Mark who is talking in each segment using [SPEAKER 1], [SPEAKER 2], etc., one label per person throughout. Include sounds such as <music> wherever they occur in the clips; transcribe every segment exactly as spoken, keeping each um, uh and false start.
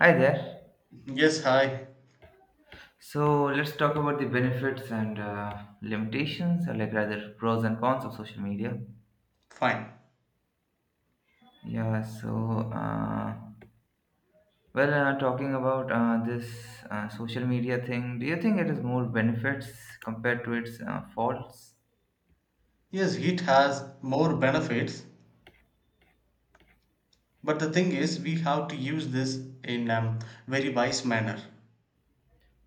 [SPEAKER 1] Hi there.
[SPEAKER 2] Yes, hi.
[SPEAKER 1] So let's talk about the benefits and uh, limitations, or like rather pros and cons of social media.
[SPEAKER 2] Fine.
[SPEAKER 1] Yeah. So, uh, well, uh, Talking about uh, this uh, social media thing, do you think it is more benefits compared to its uh, faults?
[SPEAKER 2] Yes, it has more benefits, but the thing is, we have to use this in um, very wise manner. Uh,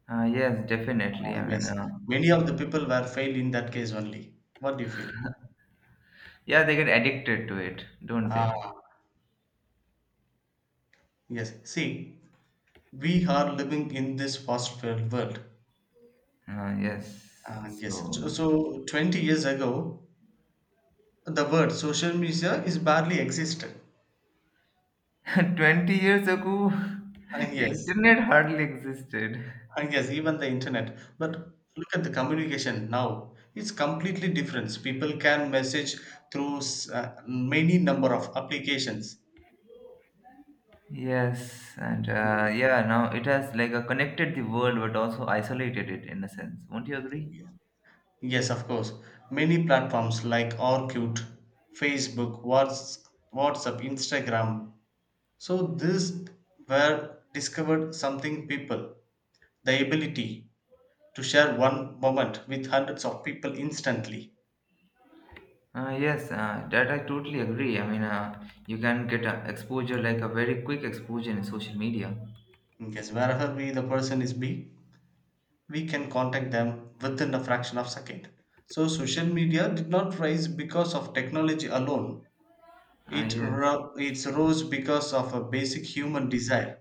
[SPEAKER 1] Uh, yes, definitely. I mean,
[SPEAKER 2] yes,
[SPEAKER 1] uh,
[SPEAKER 2] many of the people were failed in that case only. What do you feel?
[SPEAKER 1] yeah, they get addicted to it, don't
[SPEAKER 2] Ah,
[SPEAKER 1] they?
[SPEAKER 2] yes. See, we are living in this fast-paced world.
[SPEAKER 1] Uh, yes.
[SPEAKER 2] Uh, yes.
[SPEAKER 1] So,
[SPEAKER 2] So, so twenty years ago, the word social media is barely existed.
[SPEAKER 1] <laughs> twenty years ago,
[SPEAKER 2] Uh,
[SPEAKER 1] <laughs>
[SPEAKER 2] yes.
[SPEAKER 1] internet hardly existed.
[SPEAKER 2] Ah, yes, even the internet. But look at the communication now. It's completely different. People can message through s- uh, many number of applications.
[SPEAKER 1] Yes, and uh,
[SPEAKER 2] Mm,
[SPEAKER 1] yeah, now it has like uh, connected the world but also isolated it in a sense. Won't you agree?
[SPEAKER 2] yeah. Yes, of course. Many platforms like Orkut, Facebook, Whats- WhatsApp, Instagram. So this were discovered something people, the ability to share one moment with hundreds of people instantly.
[SPEAKER 1] Uh, yes, uh, that I totally agree. I mean, uh, you can get uh, exposure like a very quick exposure in social media.
[SPEAKER 2] Yes, wherever we the person is be. We can contact them within a fraction of second, so social media did not rise because of technology alone,
[SPEAKER 1] Uh,
[SPEAKER 2] it
[SPEAKER 1] yes,
[SPEAKER 2] ro- it rose because of a basic human desire.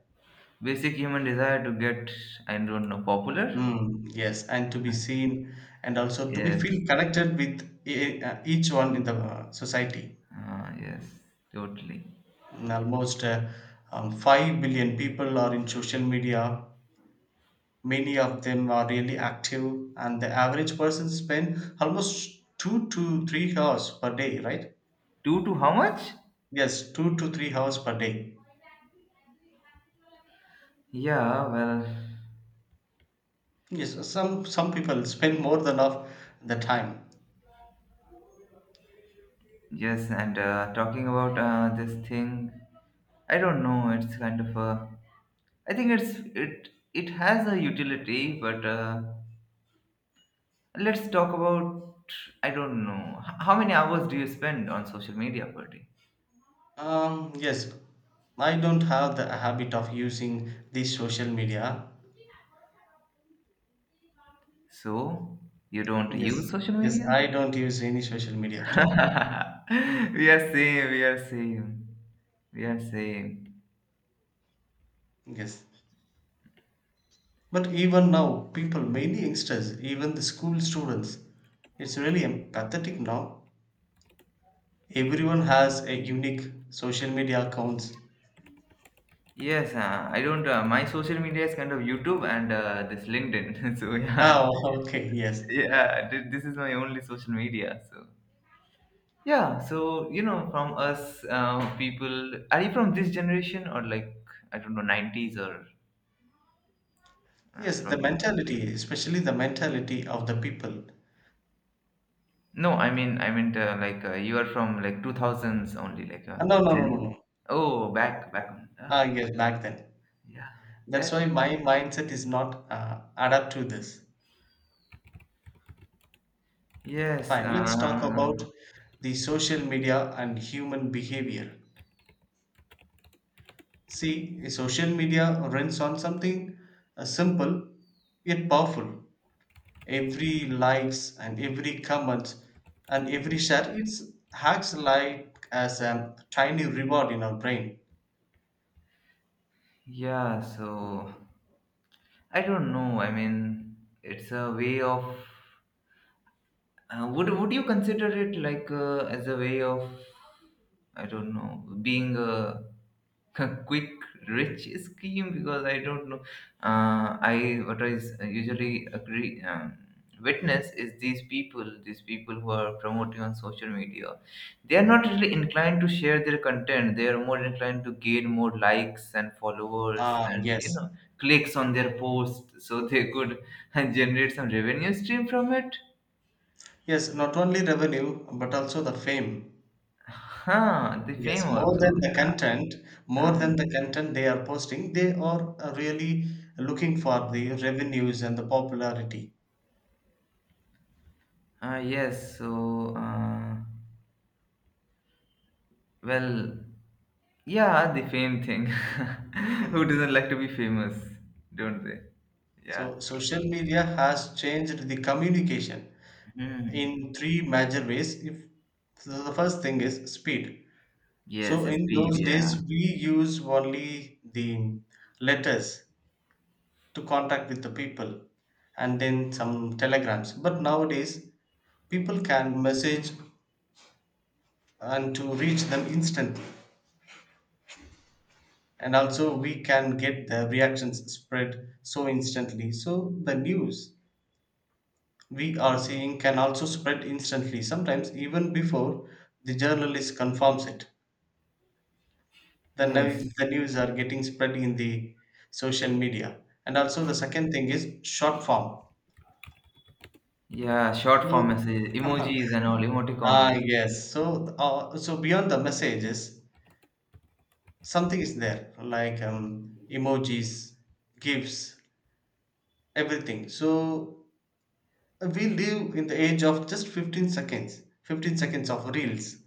[SPEAKER 1] basic human desire to get, I don't know, popular.
[SPEAKER 2] Mm, yes, and to be seen and also to be
[SPEAKER 1] Yes,
[SPEAKER 2] feel connected with e- e, uh, each one in the uh, society.
[SPEAKER 1] uh, yes, totally.
[SPEAKER 2] Mm, almost uh, um, five billion people are in social media, many of them are really active, and the average person spend almost two to three hours per day, right?
[SPEAKER 1] Two to how much?
[SPEAKER 2] Yes, two to three hours per day.
[SPEAKER 1] Yeah, well,
[SPEAKER 2] Yes, some some people spend more than of the time.
[SPEAKER 1] yes, and uh, talking about uh, this thing, I don't know, it's kind of a, I think it's, it it has a utility, but uh, let's talk about, I don't know, h- how many hours do you spend on social media per day.
[SPEAKER 2] Um, yes, I don't have the habit of using this social media.
[SPEAKER 1] So you don't use
[SPEAKER 2] Yes,
[SPEAKER 1] social
[SPEAKER 2] yes,
[SPEAKER 1] media?
[SPEAKER 2] I don't use any social media at all.
[SPEAKER 1] <laughs> We are same. We are same. We are same.
[SPEAKER 2] Yes, but even now, people, mainly youngsters, even the school students, it's really pathetic now. Everyone has a unique social media accounts.
[SPEAKER 1] Yes, uh, I don't. Uh, my social media is kind of YouTube and uh, this LinkedIn. <laughs> So yeah,
[SPEAKER 2] Oh, okay, yes.
[SPEAKER 1] yeah. th- This is my only social media. So yeah, so you know, from us uh, people, are you from this generation or like, I don't know, nineties or uh,
[SPEAKER 2] Yes, the
[SPEAKER 1] from?
[SPEAKER 2] mentality, especially the mentality of the people.
[SPEAKER 1] No, I mean, I meant uh, like uh, you are from like two thousands only, like uh,
[SPEAKER 2] Uh, No, no, no, no,
[SPEAKER 1] Gen.
[SPEAKER 2] no.
[SPEAKER 1] Oh, back, back on. Uh,
[SPEAKER 2] Ah, yes, back then.
[SPEAKER 1] yeah,
[SPEAKER 2] That's
[SPEAKER 1] that.
[SPEAKER 2] why my mindset is not uh, adapt to this.
[SPEAKER 1] Yes.
[SPEAKER 2] Fine, let's talk
[SPEAKER 1] Uh,
[SPEAKER 2] about the social media and human behavior. See, social media runs on something uh, simple yet powerful. Every likes and every comment and every share, it's hacks like as a tiny reward in our brain.
[SPEAKER 1] yeah. So I don't know. I mean, it's a way of. Uh, would would you consider it like uh, as a way of, I don't know, being a, <laughs> a quick rich scheme, because I don't know. Uh, I what I s- usually agree, um, witness is these people, these people who are promoting on social media. They are not really inclined to share their content. They are more inclined to gain more likes and followers,
[SPEAKER 2] Ah,
[SPEAKER 1] and you
[SPEAKER 2] yes.
[SPEAKER 1] know, clicks on their post, so they could <laughs> generate some revenue stream from it.
[SPEAKER 2] Yes, not only revenue, but also the fame.
[SPEAKER 1] Huh, the fame
[SPEAKER 2] Yes, more
[SPEAKER 1] also.
[SPEAKER 2] than the
[SPEAKER 1] Yeah.
[SPEAKER 2] content, more than
[SPEAKER 1] um,
[SPEAKER 2] the content they are posting, they are uh, really looking for the revenues and the popularity.
[SPEAKER 1] Uh, yes, so, uh, well, yeah, the fame thing. <laughs> Who
[SPEAKER 2] Mhm.
[SPEAKER 1] doesn't like to be famous, don't they? Yeah.
[SPEAKER 2] So social media has changed the communication
[SPEAKER 1] Hmm.
[SPEAKER 2] in three major ways. If so the first thing is speed. So
[SPEAKER 1] Yes,
[SPEAKER 2] in
[SPEAKER 1] speed,
[SPEAKER 2] those
[SPEAKER 1] yeah.
[SPEAKER 2] days we use only the letters to contact with the people and then some telegrams. But nowadays people can message and to reach them instantly. And also we can get the reactions spread so instantly, so the news we are seeing can also spread instantly, sometimes even before the journalist confirms it, the new-
[SPEAKER 1] Yes.
[SPEAKER 2] the news are getting spread in the social media. And also the second thing is short form.
[SPEAKER 1] Yeah, short
[SPEAKER 2] So
[SPEAKER 1] form messages,
[SPEAKER 2] <laughs>
[SPEAKER 1] emojis and all,
[SPEAKER 2] ah
[SPEAKER 1] emoticons.
[SPEAKER 2] yes so uh, so beyond the messages something is there like um, emojis, gifs, everything. So we live in the age of just fifteen seconds, fifteen seconds of reels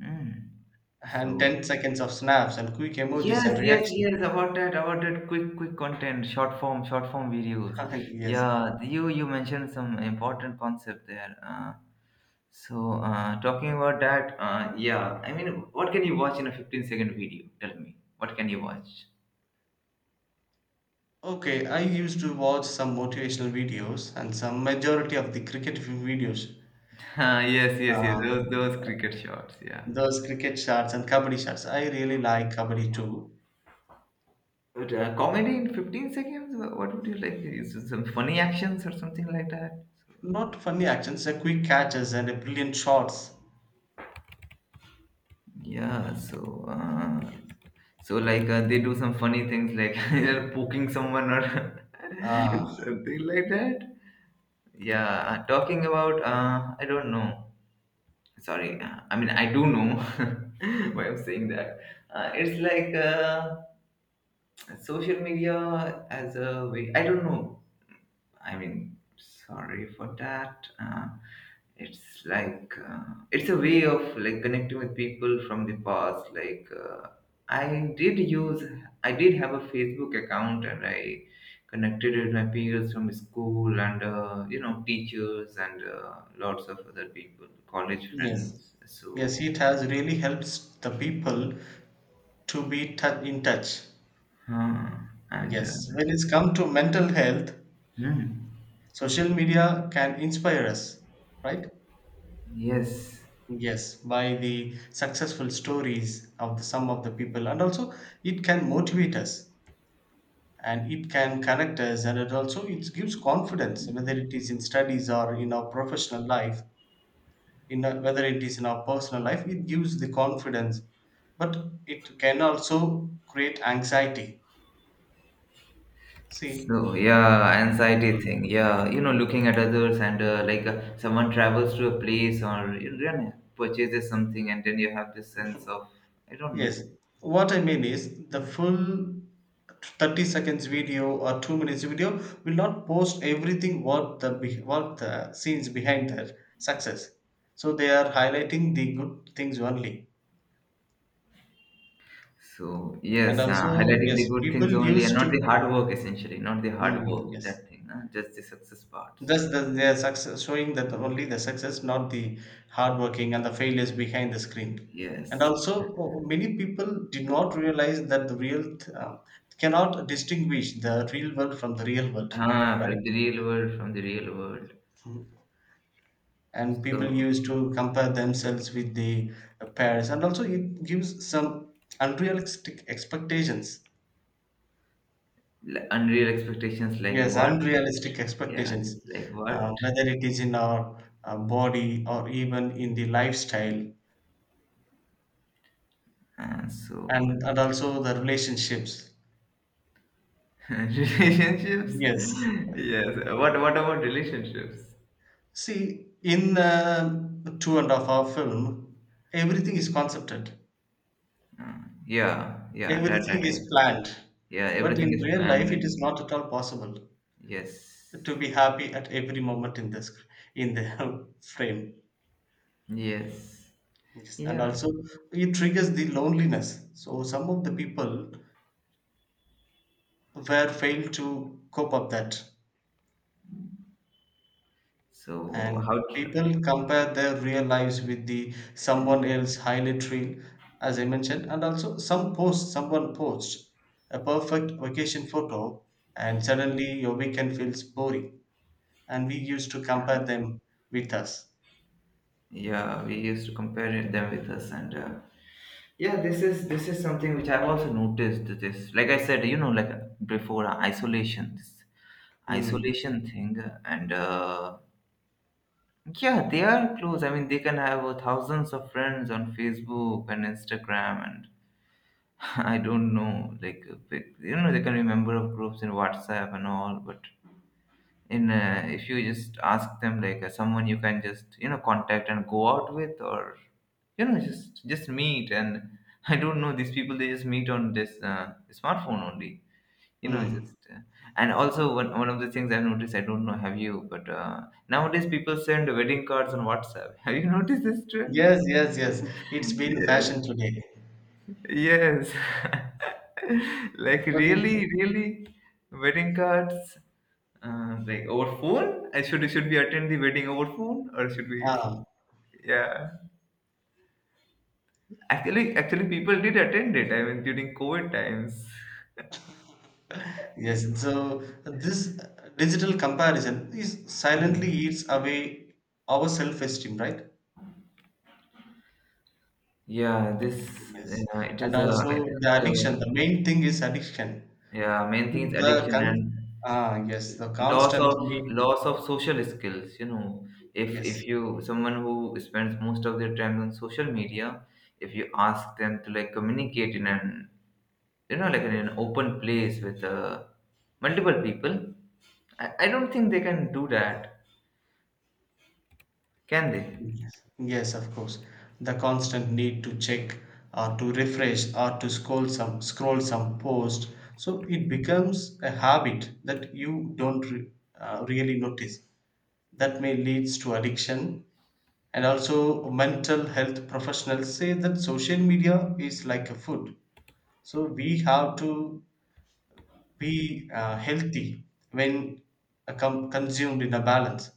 [SPEAKER 1] Hmm.
[SPEAKER 2] and ten
[SPEAKER 1] So,
[SPEAKER 2] seconds of snaps and quick emojis
[SPEAKER 1] yes,
[SPEAKER 2] and
[SPEAKER 1] yes,
[SPEAKER 2] reactions.
[SPEAKER 1] yes, about that, about that quick, quick content, short form, short form videos.
[SPEAKER 2] <laughs> Yes,
[SPEAKER 1] Yeah, you you mentioned some important concept there. Uh, So, uh, talking about that, uh, yeah, I mean, what can you watch in a fifteen second video? Tell me, what can you watch? <laughs>
[SPEAKER 2] okay, I used to watch some motivational videos and some majority of the cricket videos.
[SPEAKER 1] Uh, yes, yes, yes,
[SPEAKER 2] uh,
[SPEAKER 1] those, those cricket shots, yeah.
[SPEAKER 2] those cricket shots and kabaddi shots, I really like kabaddi too.
[SPEAKER 1] But, uh, comedy in fifteen seconds? Wha- What would you like? Is it some funny actions or something like that? So,
[SPEAKER 2] Not funny actions, the quick catches and the brilliant shots.
[SPEAKER 1] yeah, so uh, so like uh, they do some funny things like <laughs> they're poking someone or <laughs>
[SPEAKER 2] uh,
[SPEAKER 1] something like that. Yeah, uh, talking about, uh, I don't know. Sorry, uh, I mean I do know <laughs> why I'm saying that. Uh, it's like uh, social media as a way, I don't know, I mean, sorry for that. Uh, it's like uh, it's a way of like connecting with people from the past, like uh, I did use I did have a Facebook account, and I connected with my peers from school, and uh, you know, teachers, and uh, lots of other people, college
[SPEAKER 2] yes,
[SPEAKER 1] friends, so
[SPEAKER 2] yes, it has really helps the people to be tou- in touch.
[SPEAKER 1] huh. And
[SPEAKER 2] Yes, when
[SPEAKER 1] uh,
[SPEAKER 2] it's come to mental health,
[SPEAKER 1] hmm.
[SPEAKER 2] social media can inspire us, right?
[SPEAKER 1] Yes.
[SPEAKER 2] Yes, by the successful stories of the, some of the people, and also it can motivate us and it can connect us, and it also it gives confidence, whether it is in studies or in our professional life, in our, whether it is in our personal life, it gives the confidence, but it can also create anxiety. See,
[SPEAKER 1] So yeah, anxiety thing. Yeah, you know, looking at others and uh, like uh, someone travels to a place, or you know, purchases something, and then you have this sense of, I don't know.
[SPEAKER 2] yes, what I mean is the full thirty seconds video or two minutes video will not post everything what the be- what the scenes behind their success. So they are highlighting the good things only.
[SPEAKER 1] So
[SPEAKER 2] And
[SPEAKER 1] yes, uh,
[SPEAKER 2] also,
[SPEAKER 1] highlighting
[SPEAKER 2] yes,
[SPEAKER 1] the good
[SPEAKER 2] people
[SPEAKER 1] things only, and
[SPEAKER 2] used
[SPEAKER 1] not the
[SPEAKER 2] to.
[SPEAKER 1] hard work essentially, not the hard
[SPEAKER 2] Mm,
[SPEAKER 1] work
[SPEAKER 2] yes.
[SPEAKER 1] that thing, uh, just the success part. So
[SPEAKER 2] Thus, the, their success showing that only the success, not the hard working and the failures behind the screen. And
[SPEAKER 1] yes,
[SPEAKER 2] also, oh, many people did not realize that the real th- um, cannot distinguish the real world from the real world,
[SPEAKER 1] ah, from
[SPEAKER 2] right?
[SPEAKER 1] the real world, from the real world.
[SPEAKER 2] Mhm. And people
[SPEAKER 1] So
[SPEAKER 2] used to compare themselves with the uh, pairs, and also it gives some unrealistic expectations.
[SPEAKER 1] l- unreal expectations, like
[SPEAKER 2] Yes,
[SPEAKER 1] what?
[SPEAKER 2] unrealistic
[SPEAKER 1] Yeah,
[SPEAKER 2] expectations,
[SPEAKER 1] like
[SPEAKER 2] uh,
[SPEAKER 1] what?
[SPEAKER 2] whether it is in our uh, body or even in the lifestyle,
[SPEAKER 1] And so
[SPEAKER 2] and and also the relationships.
[SPEAKER 1] <laughs> relationships?
[SPEAKER 2] Yes,
[SPEAKER 1] Yes. What what about relationships?
[SPEAKER 2] see, in uh, two and a half hour film everything is concepted,
[SPEAKER 1] Yeah, yeah, that that
[SPEAKER 2] everything
[SPEAKER 1] I,
[SPEAKER 2] is planned,
[SPEAKER 1] yeah,
[SPEAKER 2] but
[SPEAKER 1] everything
[SPEAKER 2] in
[SPEAKER 1] is
[SPEAKER 2] real
[SPEAKER 1] planned,
[SPEAKER 2] life it is
[SPEAKER 1] and
[SPEAKER 2] not at all possible to
[SPEAKER 1] yes.
[SPEAKER 2] be happy at every moment in this, in the <laughs> frame.
[SPEAKER 1] Yes.
[SPEAKER 2] Yes, and
[SPEAKER 1] Yeah.
[SPEAKER 2] also it triggers the loneliness, so some of the people were failed to cope up that.
[SPEAKER 1] So how
[SPEAKER 2] And
[SPEAKER 1] tr-
[SPEAKER 2] people compare their real lives with the someone else highlight reel, as I mentioned. And also some post, someone posts a perfect vacation photo and suddenly your weekend feels boring, and we used to compare them with us.
[SPEAKER 1] yeah, we used to compare it them with us, and uh, yeah, this is this is something which I've also noticed, this, like I said, you know, like uh, before uh, isolation, this
[SPEAKER 2] Mm.
[SPEAKER 1] isolation thing, uh, and uh, yeah, they are close. I mean, they can have uh, thousands of friends on Facebook and Instagram, and <laughs> I don't know, like uh, pic- you know, they can be member of groups in WhatsApp and all. But in uh, if you just ask them, like uh, someone you can just you know contact and go out with, or you know just just meet. And <laughs> I don't know, these people they just meet on this uh, smartphone only, you know,
[SPEAKER 2] Mm.
[SPEAKER 1] just uh, and also one, one of the things I've noticed, I don't know have you, but uh, nowadays people send wedding cards on WhatsApp. <laughs> Have you noticed this trend?
[SPEAKER 2] Yes, yes, yes, it's been fashion
[SPEAKER 1] Yeah,
[SPEAKER 2] today.
[SPEAKER 1] yes, <laughs> like
[SPEAKER 2] But in,
[SPEAKER 1] really, really wedding cards. Uh, like over phone, I should should we attend the wedding over phone, or should we
[SPEAKER 2] ah,
[SPEAKER 1] <laughs> yeah, actually actually people did attend it, I mean, during COVID times.
[SPEAKER 2] yes, so this digital comparison is silently
[SPEAKER 1] Hmm.
[SPEAKER 2] eats away our self-esteem, right?
[SPEAKER 1] Yeah, this
[SPEAKER 2] Yes,
[SPEAKER 1] uh, it
[SPEAKER 2] and
[SPEAKER 1] is a, I think
[SPEAKER 2] also the
[SPEAKER 1] uh,
[SPEAKER 2] addiction. The main thing is addiction.
[SPEAKER 1] yeah, main thing is
[SPEAKER 2] The
[SPEAKER 1] addiction and
[SPEAKER 2] con- ah, yes, the
[SPEAKER 1] loss
[SPEAKER 2] constant
[SPEAKER 1] of
[SPEAKER 2] need.
[SPEAKER 1] loss of social skills. You know, if if
[SPEAKER 2] Yes,
[SPEAKER 1] you someone who spends most of their time on social media, if you ask them to like communicate in an, you know, like in an open place with uh, multiple people, I, I don't think they can do that, can they?
[SPEAKER 2] yes, yes. Of course, the constant need to check or to refresh or to scroll some, scroll some post. So it becomes a habit that you don't re- uh, really notice. That may leads to addiction. And also, mental health professionals say that social media is like a food. So we have to be uh, healthy when uh, com- consumed in a balance,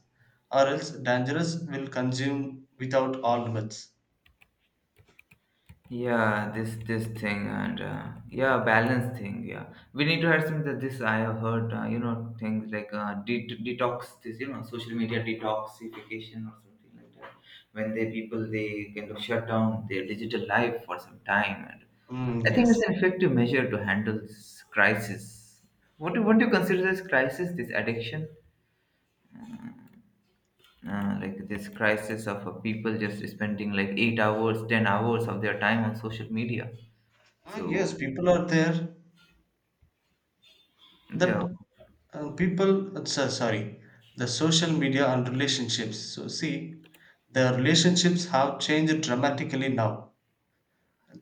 [SPEAKER 2] or else dangerous will consume without all limits.
[SPEAKER 1] Yeah, this this thing and uh, yeah, balance thing, yeah, we need to have some that. This I have heard, uh, you know, things like uh, det- detox, this, you know, social media detoxification or something like that, when they people they kind of shut down their digital life for some time, and
[SPEAKER 2] Mm,
[SPEAKER 1] I think
[SPEAKER 2] yes.
[SPEAKER 1] it's an effective measure to handle this crisis. What do, what do you consider this crisis, this addiction, uh, like this crisis of uh, people just spending like eight hours, ten hours of their time on social media.
[SPEAKER 2] Ah, yes,
[SPEAKER 1] So
[SPEAKER 2] people are there
[SPEAKER 1] yeah,
[SPEAKER 2] that uh, people, uh, so- sorry, the social media and relationships. So, see, the relationships have changed dramatically now.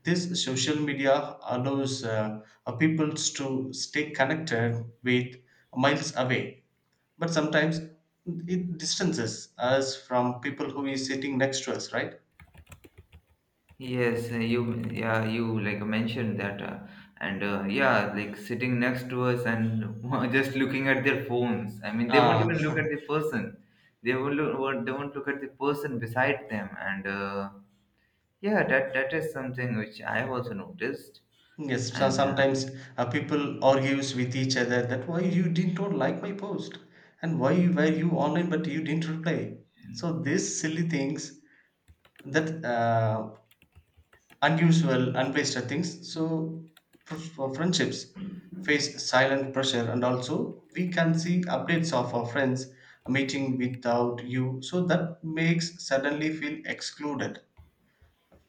[SPEAKER 2] This social media allows uh, uh, people to stay connected with miles away, but sometimes it distances us from people who is sitting next to us, right?
[SPEAKER 1] yes, uh, you, yeah, you like mentioned that, uh, and uh, yeah, like sitting next to us, and <laughs> just looking at their phones. I mean, they won't
[SPEAKER 2] uh,
[SPEAKER 1] even look at the person. They won't look, won't- they won't look at the person beside them, and uh, yeah, that that is something which I've also noticed.
[SPEAKER 2] <laughs> yes, so
[SPEAKER 1] And uh,
[SPEAKER 2] sometimes uh, people argues with each other that why you didn't don't like my post and why you- were you online but you didn't reply. So these silly things, that uh, unusual, unplaced things. So fr- for friendships face silent pressure, and also we can see updates of our friends meeting without you. So that makes suddenly feel excluded.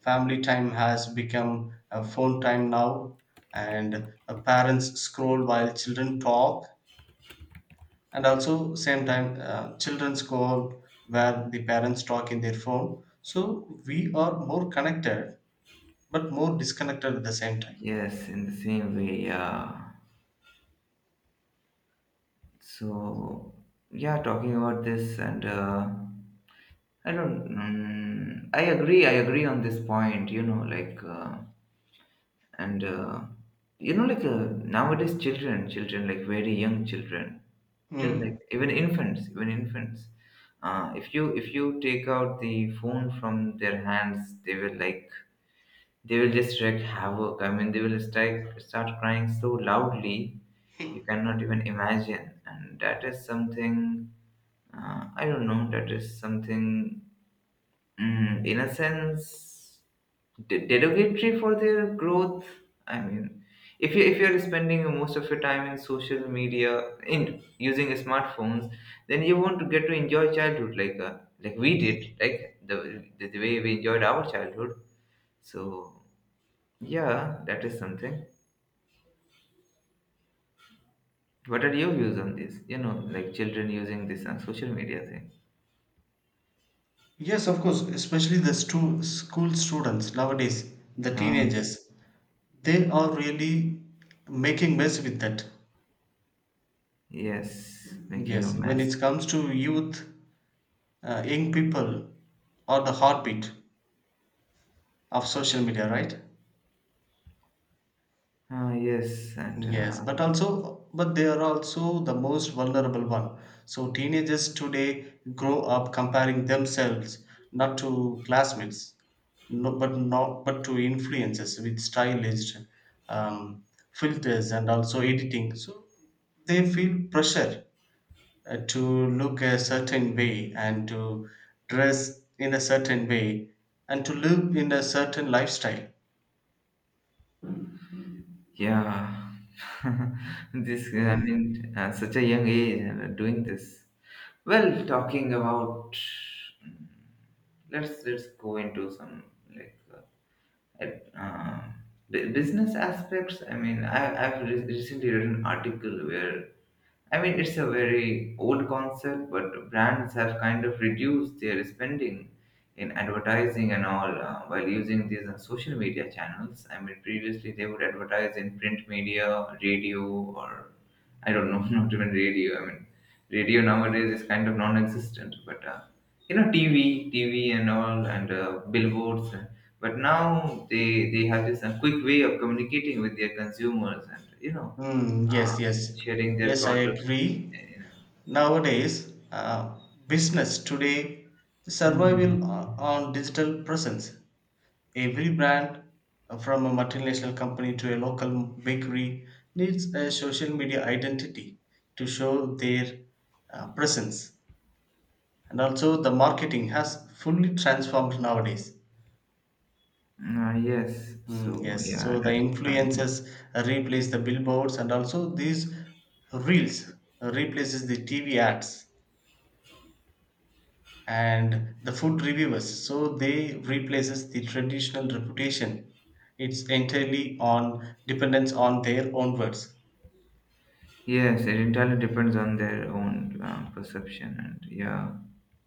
[SPEAKER 2] Family time has become a phone time now, and uh, parents scroll while children talk, and also same time uh, children scroll where the parents talk in their phone. So we are more connected, but more disconnected at the same time.
[SPEAKER 1] yes, in the same way, yeah. So yeah, talking about this and uh, I don't, mm, I agree, I agree on this point, you know, like uh, and uh, you know like uh, nowadays children children like very young children, children
[SPEAKER 2] Hmm.
[SPEAKER 1] like even infants, even infants uh, if you, if you take out the phone from their hands, they will like, they will just wreak havoc, I mean they will start start crying so loudly you cannot even imagine, and that is something, uh, I don't know, that is something, mm, in a sense de- derogatory for their growth. I mean, if you, if you're spending most of your time in social media, in using smartphones, then you won't get to enjoy childhood like uh, like we did, like the, the the way we enjoyed our childhood, so yeah, that is something. What are your views on this, you know, like children using this on social media thing?
[SPEAKER 2] Yes, of course, especially the stu- school students nowadays, the
[SPEAKER 1] Ah,
[SPEAKER 2] teenagers, they are really making mess with that.
[SPEAKER 1] yes, making a
[SPEAKER 2] Yes, when
[SPEAKER 1] mess.
[SPEAKER 2] it comes to youth, uh, young people, or the heartbeat of social media, right?
[SPEAKER 1] Ah, yes, and
[SPEAKER 2] Yes,
[SPEAKER 1] uh,
[SPEAKER 2] but also, but they are also the most vulnerable one. So teenagers today grow up comparing themselves not to classmates, no, but not but to influences with stylized um, filters and also editing. So they feel pressure uh, to look a certain way and to dress in a certain way and to live in a certain lifestyle.
[SPEAKER 1] yeah, <laughs> this, I
[SPEAKER 2] Mm.
[SPEAKER 1] mean, at such a young age, and uh, doing this. Well, talking about, mm, let's let's go into some like uh, uh, bu- business aspects. I mean, I I've re- recently read an article where, I mean, it's a very old concept, but brands have kind of reduced their spending in advertising and all, uh, while using these uh, social media channels. I mean, previously they would advertise in print media, radio, or I don't know, <laughs> not even radio. I mean, radio nowadays is kind of non existent, but uh, you know, T V, T V and all, and uh, billboards. But now they, they have this uh, quick way of communicating with their consumers, and you know,
[SPEAKER 2] Mm, yes, yes,
[SPEAKER 1] sharing their
[SPEAKER 2] yes. I
[SPEAKER 1] products.
[SPEAKER 2] agree.
[SPEAKER 1] You know.
[SPEAKER 2] Nowadays, uh, business today
[SPEAKER 1] Hmm. Uh, Mhm.
[SPEAKER 2] survival o- on digital presence. Every brand, uh, from a multinational company to a local bakery, needs a social media identity to show their uh, presence. And also, the marketing has fully transformed nowadays.
[SPEAKER 1] Ah, yes,
[SPEAKER 2] Mm,
[SPEAKER 1] so
[SPEAKER 2] yes,
[SPEAKER 1] yeah,
[SPEAKER 2] so the
[SPEAKER 1] that is something.
[SPEAKER 2] influencers replace the billboards, and also these reels replaces the T V ads and the food reviewers, so they replaces the traditional reputation. It's entirely on dependence on their own words.
[SPEAKER 1] Yes, it entirely depends on their own uh, perception, and yeah,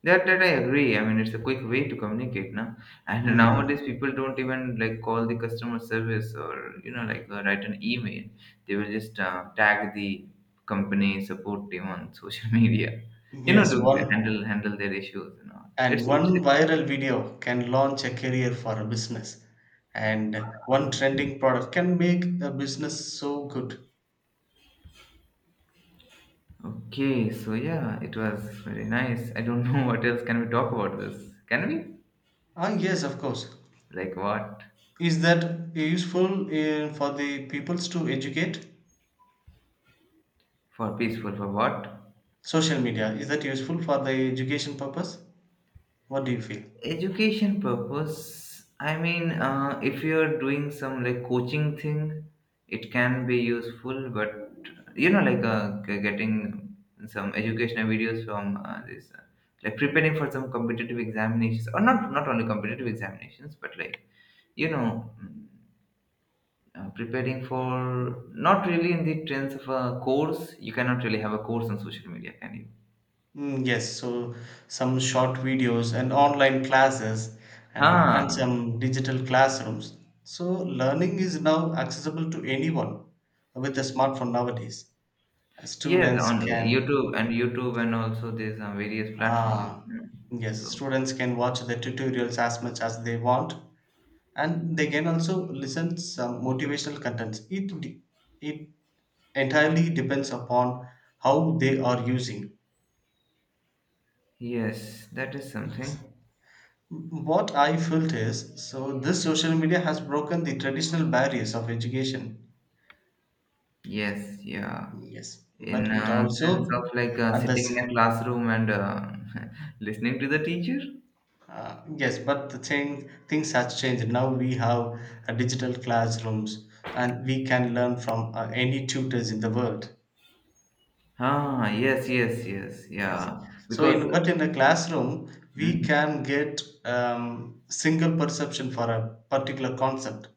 [SPEAKER 1] that that I agree. I mean, it's a quick way to communicate now, <laughs> and
[SPEAKER 2] Mm.
[SPEAKER 1] nowadays people don't even like call the customer service, or you know, like uh, write an email. They will just uh, tag the company support team on social <laughs> media, you know, to
[SPEAKER 2] Yes, one
[SPEAKER 1] handle handle their issues and all. It's,
[SPEAKER 2] and one viral video can launch a career for a business, and one
[SPEAKER 1] it's
[SPEAKER 2] trending product can make a business so good.
[SPEAKER 1] okay, so yeah, it was very nice. I don't know <laughs> what else can we talk about this. Can we?
[SPEAKER 2] Ah, yes, of course.
[SPEAKER 1] Like what?
[SPEAKER 2] Is that useful uh, for the peoples to educate?
[SPEAKER 1] For peaceful, for what?
[SPEAKER 2] Social media, is that useful for the education purpose? What do you feel?
[SPEAKER 1] Education purpose. I mean, uh, if you're doing some like coaching thing, it can be useful, but you know, like uh, g- getting some educational videos from uh, this, uh, like preparing for some competitive examinations, or not not only competitive examinations, but like you know. Uh, preparing for not really in the trends of a course. You cannot really have a course on social media, can you?
[SPEAKER 2] Mm, yes, so some short videos and online classes and, and
[SPEAKER 1] Huh.
[SPEAKER 2] some digital classrooms. So learning is now accessible to anyone with a smartphone nowadays.
[SPEAKER 1] Yes,
[SPEAKER 2] Students
[SPEAKER 1] on
[SPEAKER 2] can
[SPEAKER 1] YouTube and YouTube, and also there's uh, various platforms.
[SPEAKER 2] uh,
[SPEAKER 1] Mm.
[SPEAKER 2] yes,
[SPEAKER 1] So
[SPEAKER 2] students can watch the tutorials as much as they want, and they can also listen some motivational contents. It de- it entirely depends upon how they are using.
[SPEAKER 1] yes, that is something.
[SPEAKER 2] What I felt is, so this social media has broken the traditional barriers of education.
[SPEAKER 1] Yes, yeah.
[SPEAKER 2] Yes, but
[SPEAKER 1] In
[SPEAKER 2] it
[SPEAKER 1] a sense of
[SPEAKER 2] also
[SPEAKER 1] like uh,
[SPEAKER 2] at
[SPEAKER 1] sitting
[SPEAKER 2] this
[SPEAKER 1] in a classroom and uh, <laughs> listening to the teacher.
[SPEAKER 2] uh, yes, but the thing, things has changed. Now we have uh, digital classrooms and we can learn from uh, any tutors in the world.
[SPEAKER 1] Ah, yes, yes, yes,
[SPEAKER 2] Yes.
[SPEAKER 1] yeah.
[SPEAKER 2] So
[SPEAKER 1] Because,
[SPEAKER 2] in, but in a classroom we
[SPEAKER 1] mm,
[SPEAKER 2] can get um, single perception for a particular concept.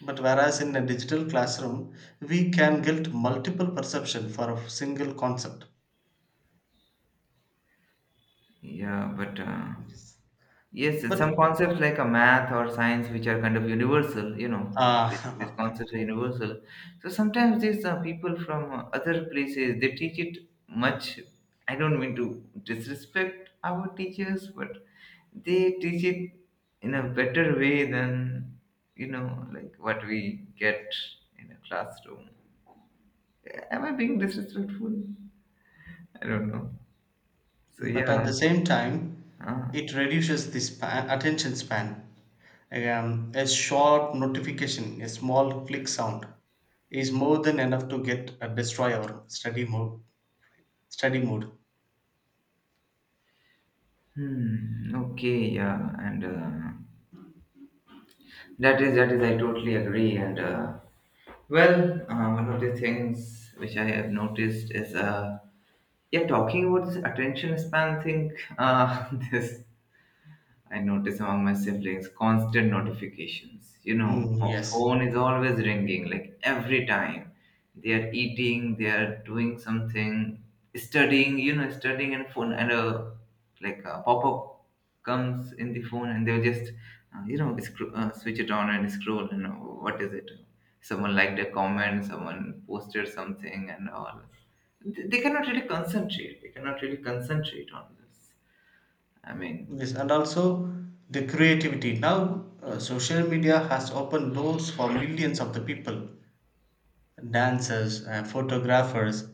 [SPEAKER 2] But whereas in a digital classroom, we can build multiple perception for a single concept.
[SPEAKER 1] yeah, but uh,
[SPEAKER 2] Yes.
[SPEAKER 1] yes, yes,
[SPEAKER 2] But
[SPEAKER 1] some concepts like a math or science, which are kind of universal, you know, it- these
[SPEAKER 2] uh,
[SPEAKER 1] concepts are universal. So sometimes these uh, people from uh, other places, they teach it much. I don't mean to disrespect our teachers, but they teach it in a better way than, you know, like what we get in a classroom. Am I being disrespectful? I don't know. So
[SPEAKER 2] <laughs> but
[SPEAKER 1] yeah.
[SPEAKER 2] at the same time,
[SPEAKER 1] Uh,
[SPEAKER 2] it reduces the span, attention span. Um, a short notification, a small click sound, is more than enough to get uh, destroy our study mode. Study mode.
[SPEAKER 1] hmm. Okay. Yeah. And. Uh, That is, that is, I totally agree. And uh, well, uh, one of the things which I have noticed is, uh, yeah, talking about this attention span thing. Uh, <laughs> this I notice among my siblings constant notifications. You know,
[SPEAKER 2] Mm,
[SPEAKER 1] our
[SPEAKER 2] yes,
[SPEAKER 1] phone is always ringing, like every time they are eating, they are doing something, studying. You know, studying and phone and a like a pop up comes in the phone, and they'll just uh, you know scro- uh, switch it on and scroll. And uh, what is it? Someone liked a comment, someone posted something, and all. They they cannot really concentrate. They cannot really concentrate on this. I mean,
[SPEAKER 2] yes, and also the creativity. Now, uh, social media has opened doors for millions of the people, dancers, uh, photographers,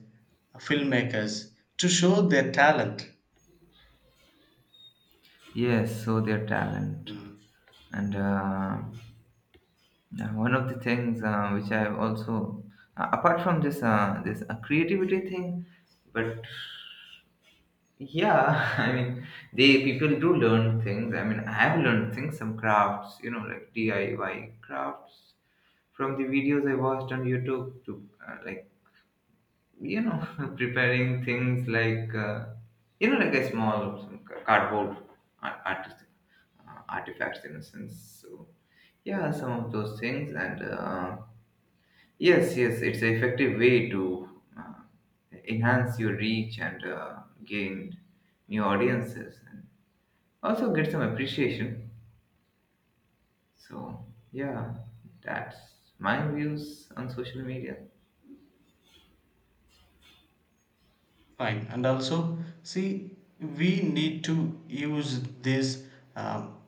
[SPEAKER 2] filmmakers to show their talent.
[SPEAKER 1] yes, so their talent.
[SPEAKER 2] Mm,
[SPEAKER 1] And uh, yeah, one of the things uh, which I also, uh, apart from this uh, this uh, creativity thing, but yeah, <laughs> I mean, they people do learn things. I mean, I have learned things, some crafts, you know, like D I Y crafts from the videos I watched on YouTube to uh, like you know <laughs> preparing things like uh, you know like a small some cardboard ar- artis- uh, artifacts in a sense, so yeah, some of those things. And uh, yes, yes, it's an effective way to uh, enhance your reach and uh, gain new audiences and also get some appreciation. So yeah, that's my views on social media.
[SPEAKER 2] fine. And also, see, we need to use this um,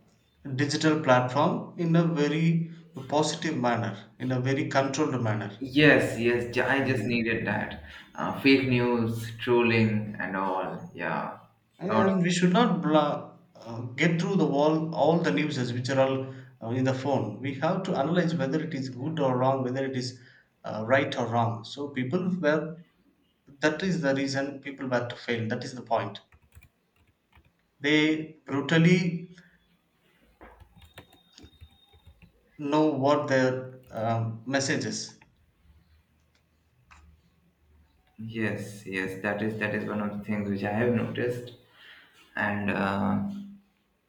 [SPEAKER 2] digital platform in a very positive manner, in a very controlled manner.
[SPEAKER 1] Yes, yes, ju- I just
[SPEAKER 2] Mm.
[SPEAKER 1] needed that. Uh, fake news, trolling, and all. Yeah, lots.
[SPEAKER 2] And we should not bla- uh, get through the wall all the newses which are all uh, in the phone. We have to analyze whether it is good or wrong, whether it is uh, right or wrong. So people were, that is the reason people were to fail. That is the point. They brutally know what their um, message is.
[SPEAKER 1] Yes, yes, that is, that is one of the things which I have noticed. And uh,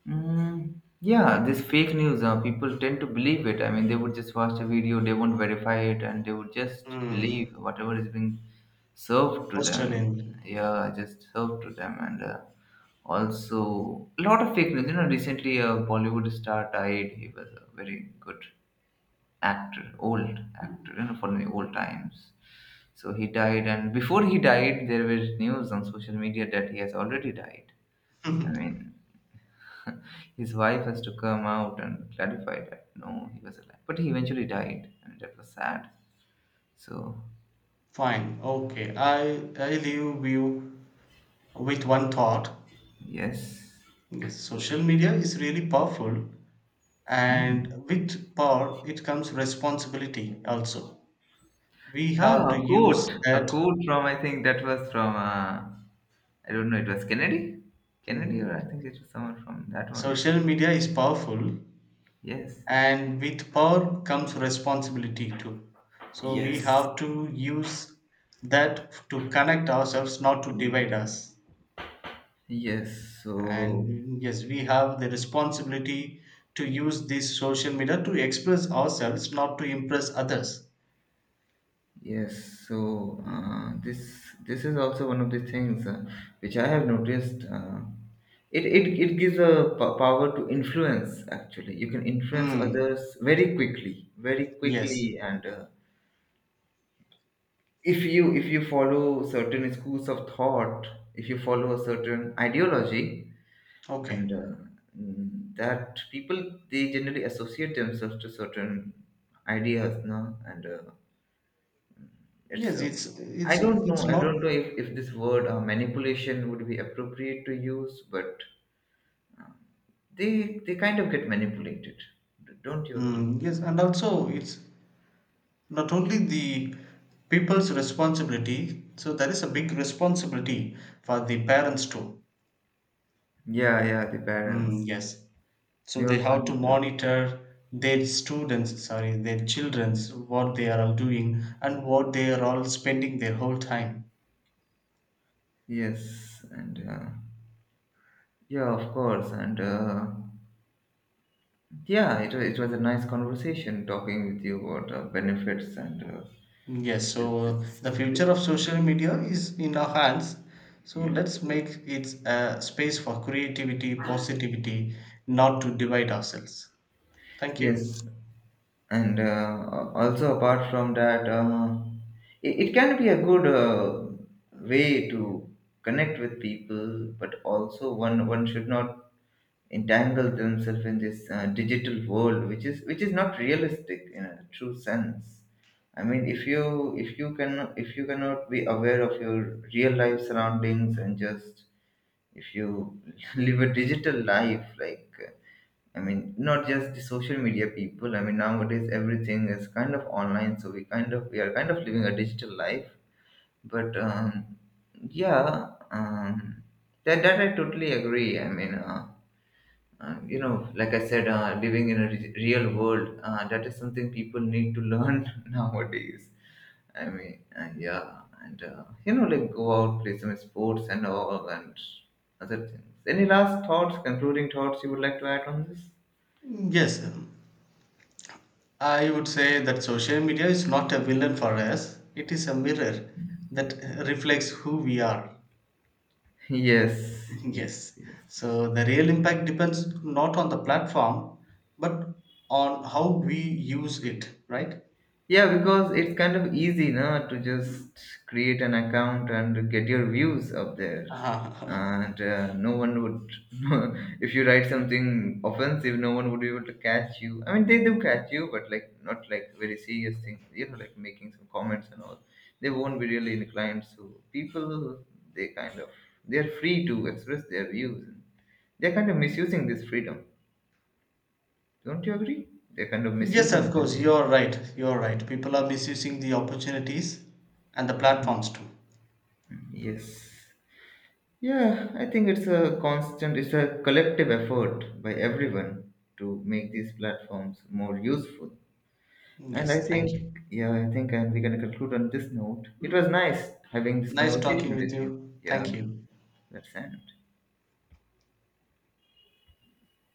[SPEAKER 1] mm, yeah, this fake news, uh, people tend to believe it. I mean, they would just watch a video, they won't verify it, and they would just believe
[SPEAKER 2] Mm.
[SPEAKER 1] whatever is being served to
[SPEAKER 2] Posted
[SPEAKER 1] them.
[SPEAKER 2] in.
[SPEAKER 1] Yeah, just served to them. And uh, also, a lot of fake news. You know, recently a Bollywood star died. He was a very good actor, old actor, you know, from the old times. So he died, and before he died, there was news on social media that he has already died. I
[SPEAKER 2] <laughs>
[SPEAKER 1] mean, his wife has to come out and clarify that no, he was alive, but he eventually died, and that was sad. So,
[SPEAKER 2] Fine. Okay. I I leave you with one thought.
[SPEAKER 1] yes.
[SPEAKER 2] Yes, social media is really powerful,
[SPEAKER 1] Hmm.
[SPEAKER 2] and with power, it comes responsibility also. We have
[SPEAKER 1] Ah,
[SPEAKER 2] to
[SPEAKER 1] a
[SPEAKER 2] use
[SPEAKER 1] quote. A
[SPEAKER 2] that.
[SPEAKER 1] quote from, I think that was from, uh, I don't know, it was Kennedy? Kennedy,
[SPEAKER 2] Mm,
[SPEAKER 1] or I think it was someone from that one.
[SPEAKER 2] social media is powerful,
[SPEAKER 1] Yes.
[SPEAKER 2] and with power comes responsibility too, so we
[SPEAKER 1] Yes.
[SPEAKER 2] have to use that to connect ourselves, not to divide us.
[SPEAKER 1] Yes, so
[SPEAKER 2] And yes, we have the responsibility to use this social media to express ourselves, not to impress others.
[SPEAKER 1] yes, so uh, this this is also one of the things uh, which I have noticed. Uh, it, it it gives a p- power to influence. Actually, you can influence
[SPEAKER 2] Hmm.
[SPEAKER 1] others very quickly, very
[SPEAKER 2] Yes,
[SPEAKER 1] quickly. And uh, if you if you follow certain schools of thought, if you follow a certain ideology, and
[SPEAKER 2] okay,
[SPEAKER 1] uh, mm, that people they generally associate themselves to certain ideas, no. And uh, it's
[SPEAKER 2] yes,
[SPEAKER 1] uh,
[SPEAKER 2] it's
[SPEAKER 1] I
[SPEAKER 2] it's
[SPEAKER 1] don't know,
[SPEAKER 2] it's
[SPEAKER 1] i
[SPEAKER 2] not.
[SPEAKER 1] don't know if, if this word uh, manipulation would be appropriate to use, but they they kind of get manipulated, don't you agree?
[SPEAKER 2] Mm, yes, and also it's not only the people's responsibility, so there is a big responsibility for the parents too.
[SPEAKER 1] Yeah, yeah, the
[SPEAKER 2] Mm,
[SPEAKER 1] parents,
[SPEAKER 2] yes. So
[SPEAKER 1] they
[SPEAKER 2] they
[SPEAKER 1] also
[SPEAKER 2] have to
[SPEAKER 1] need to.
[SPEAKER 2] monitor their students, sorry, their children's, what they are all doing and what they are all spending their whole time.
[SPEAKER 1] Yes, and uh, yeah, of course. And uh, yeah, it, wa- it was a nice conversation talking with you about uh, benefits and uh,
[SPEAKER 2] Mm, yes.
[SPEAKER 1] this,
[SPEAKER 2] So the
[SPEAKER 1] this,
[SPEAKER 2] future of social media is in our hands. So
[SPEAKER 1] yeah.
[SPEAKER 2] let's make it a space for creativity, positivity, not to divide ourselves. Thank you.
[SPEAKER 1] Yes, and uh, also apart from that, uh, it, it can be a good uh, way to connect with people, but also one one should not entangle themselves in this uh, digital world, which is which is not realistic in a true sense. I mean, if you if you can if you cannot be aware of your real life surroundings. And just if you <laughs> live a digital life like uh, I mean not just the social media people, I mean nowadays everything is kind of online, so we kind of we are kind of living a digital life. But um, yeah um, that, that I totally agree. I mean uh, uh, you know, like I said, uh, living in a re- real world, uh, that is something people need to learn <laughs> nowadays. I mean, uh, yeah, and uh, you know, like go out, play some sports and all, and other things. Any last thoughts, concluding thoughts you would like to add on this?
[SPEAKER 2] Mm, yes, um, I would say that social media is not a villain for us. It is a mirror that reflects who we are.
[SPEAKER 1] Yes,
[SPEAKER 2] <laughs>
[SPEAKER 1] yes,
[SPEAKER 2] Yes.
[SPEAKER 1] yes, yes.
[SPEAKER 2] So the real impact depends not on the platform, but on how we use it, right? <laughs>
[SPEAKER 1] Yeah, because it's kind of easy now to just create an account and get your views up there.
[SPEAKER 2] Uh-huh.
[SPEAKER 1] And uh, no one would, <laughs> if you write something offensive, no one would be able to catch you. I mean, they do catch you, but like not like very serious things, you know, like making some comments and all. They won't be really inclined. So people, they kind of, they're free to express their views. They're kind of misusing this freedom. Don't you agree? They're kind of
[SPEAKER 2] Yes,
[SPEAKER 1] misusing
[SPEAKER 2] of
[SPEAKER 1] this.
[SPEAKER 2] course, you're right. You're right. People are misusing the opportunities and the platforms too.
[SPEAKER 1] Yes. Yeah, I think it's a constant, it's a collective effort by everyone to make these platforms more useful. And
[SPEAKER 2] Yes,
[SPEAKER 1] I
[SPEAKER 2] thank you.
[SPEAKER 1] think, yeah, I think, and we're going to conclude on this note. It was nice having this
[SPEAKER 2] Nice talking
[SPEAKER 1] conversation with
[SPEAKER 2] with
[SPEAKER 1] you.
[SPEAKER 2] you.
[SPEAKER 1] Yeah,
[SPEAKER 2] Thank you.
[SPEAKER 1] let's end.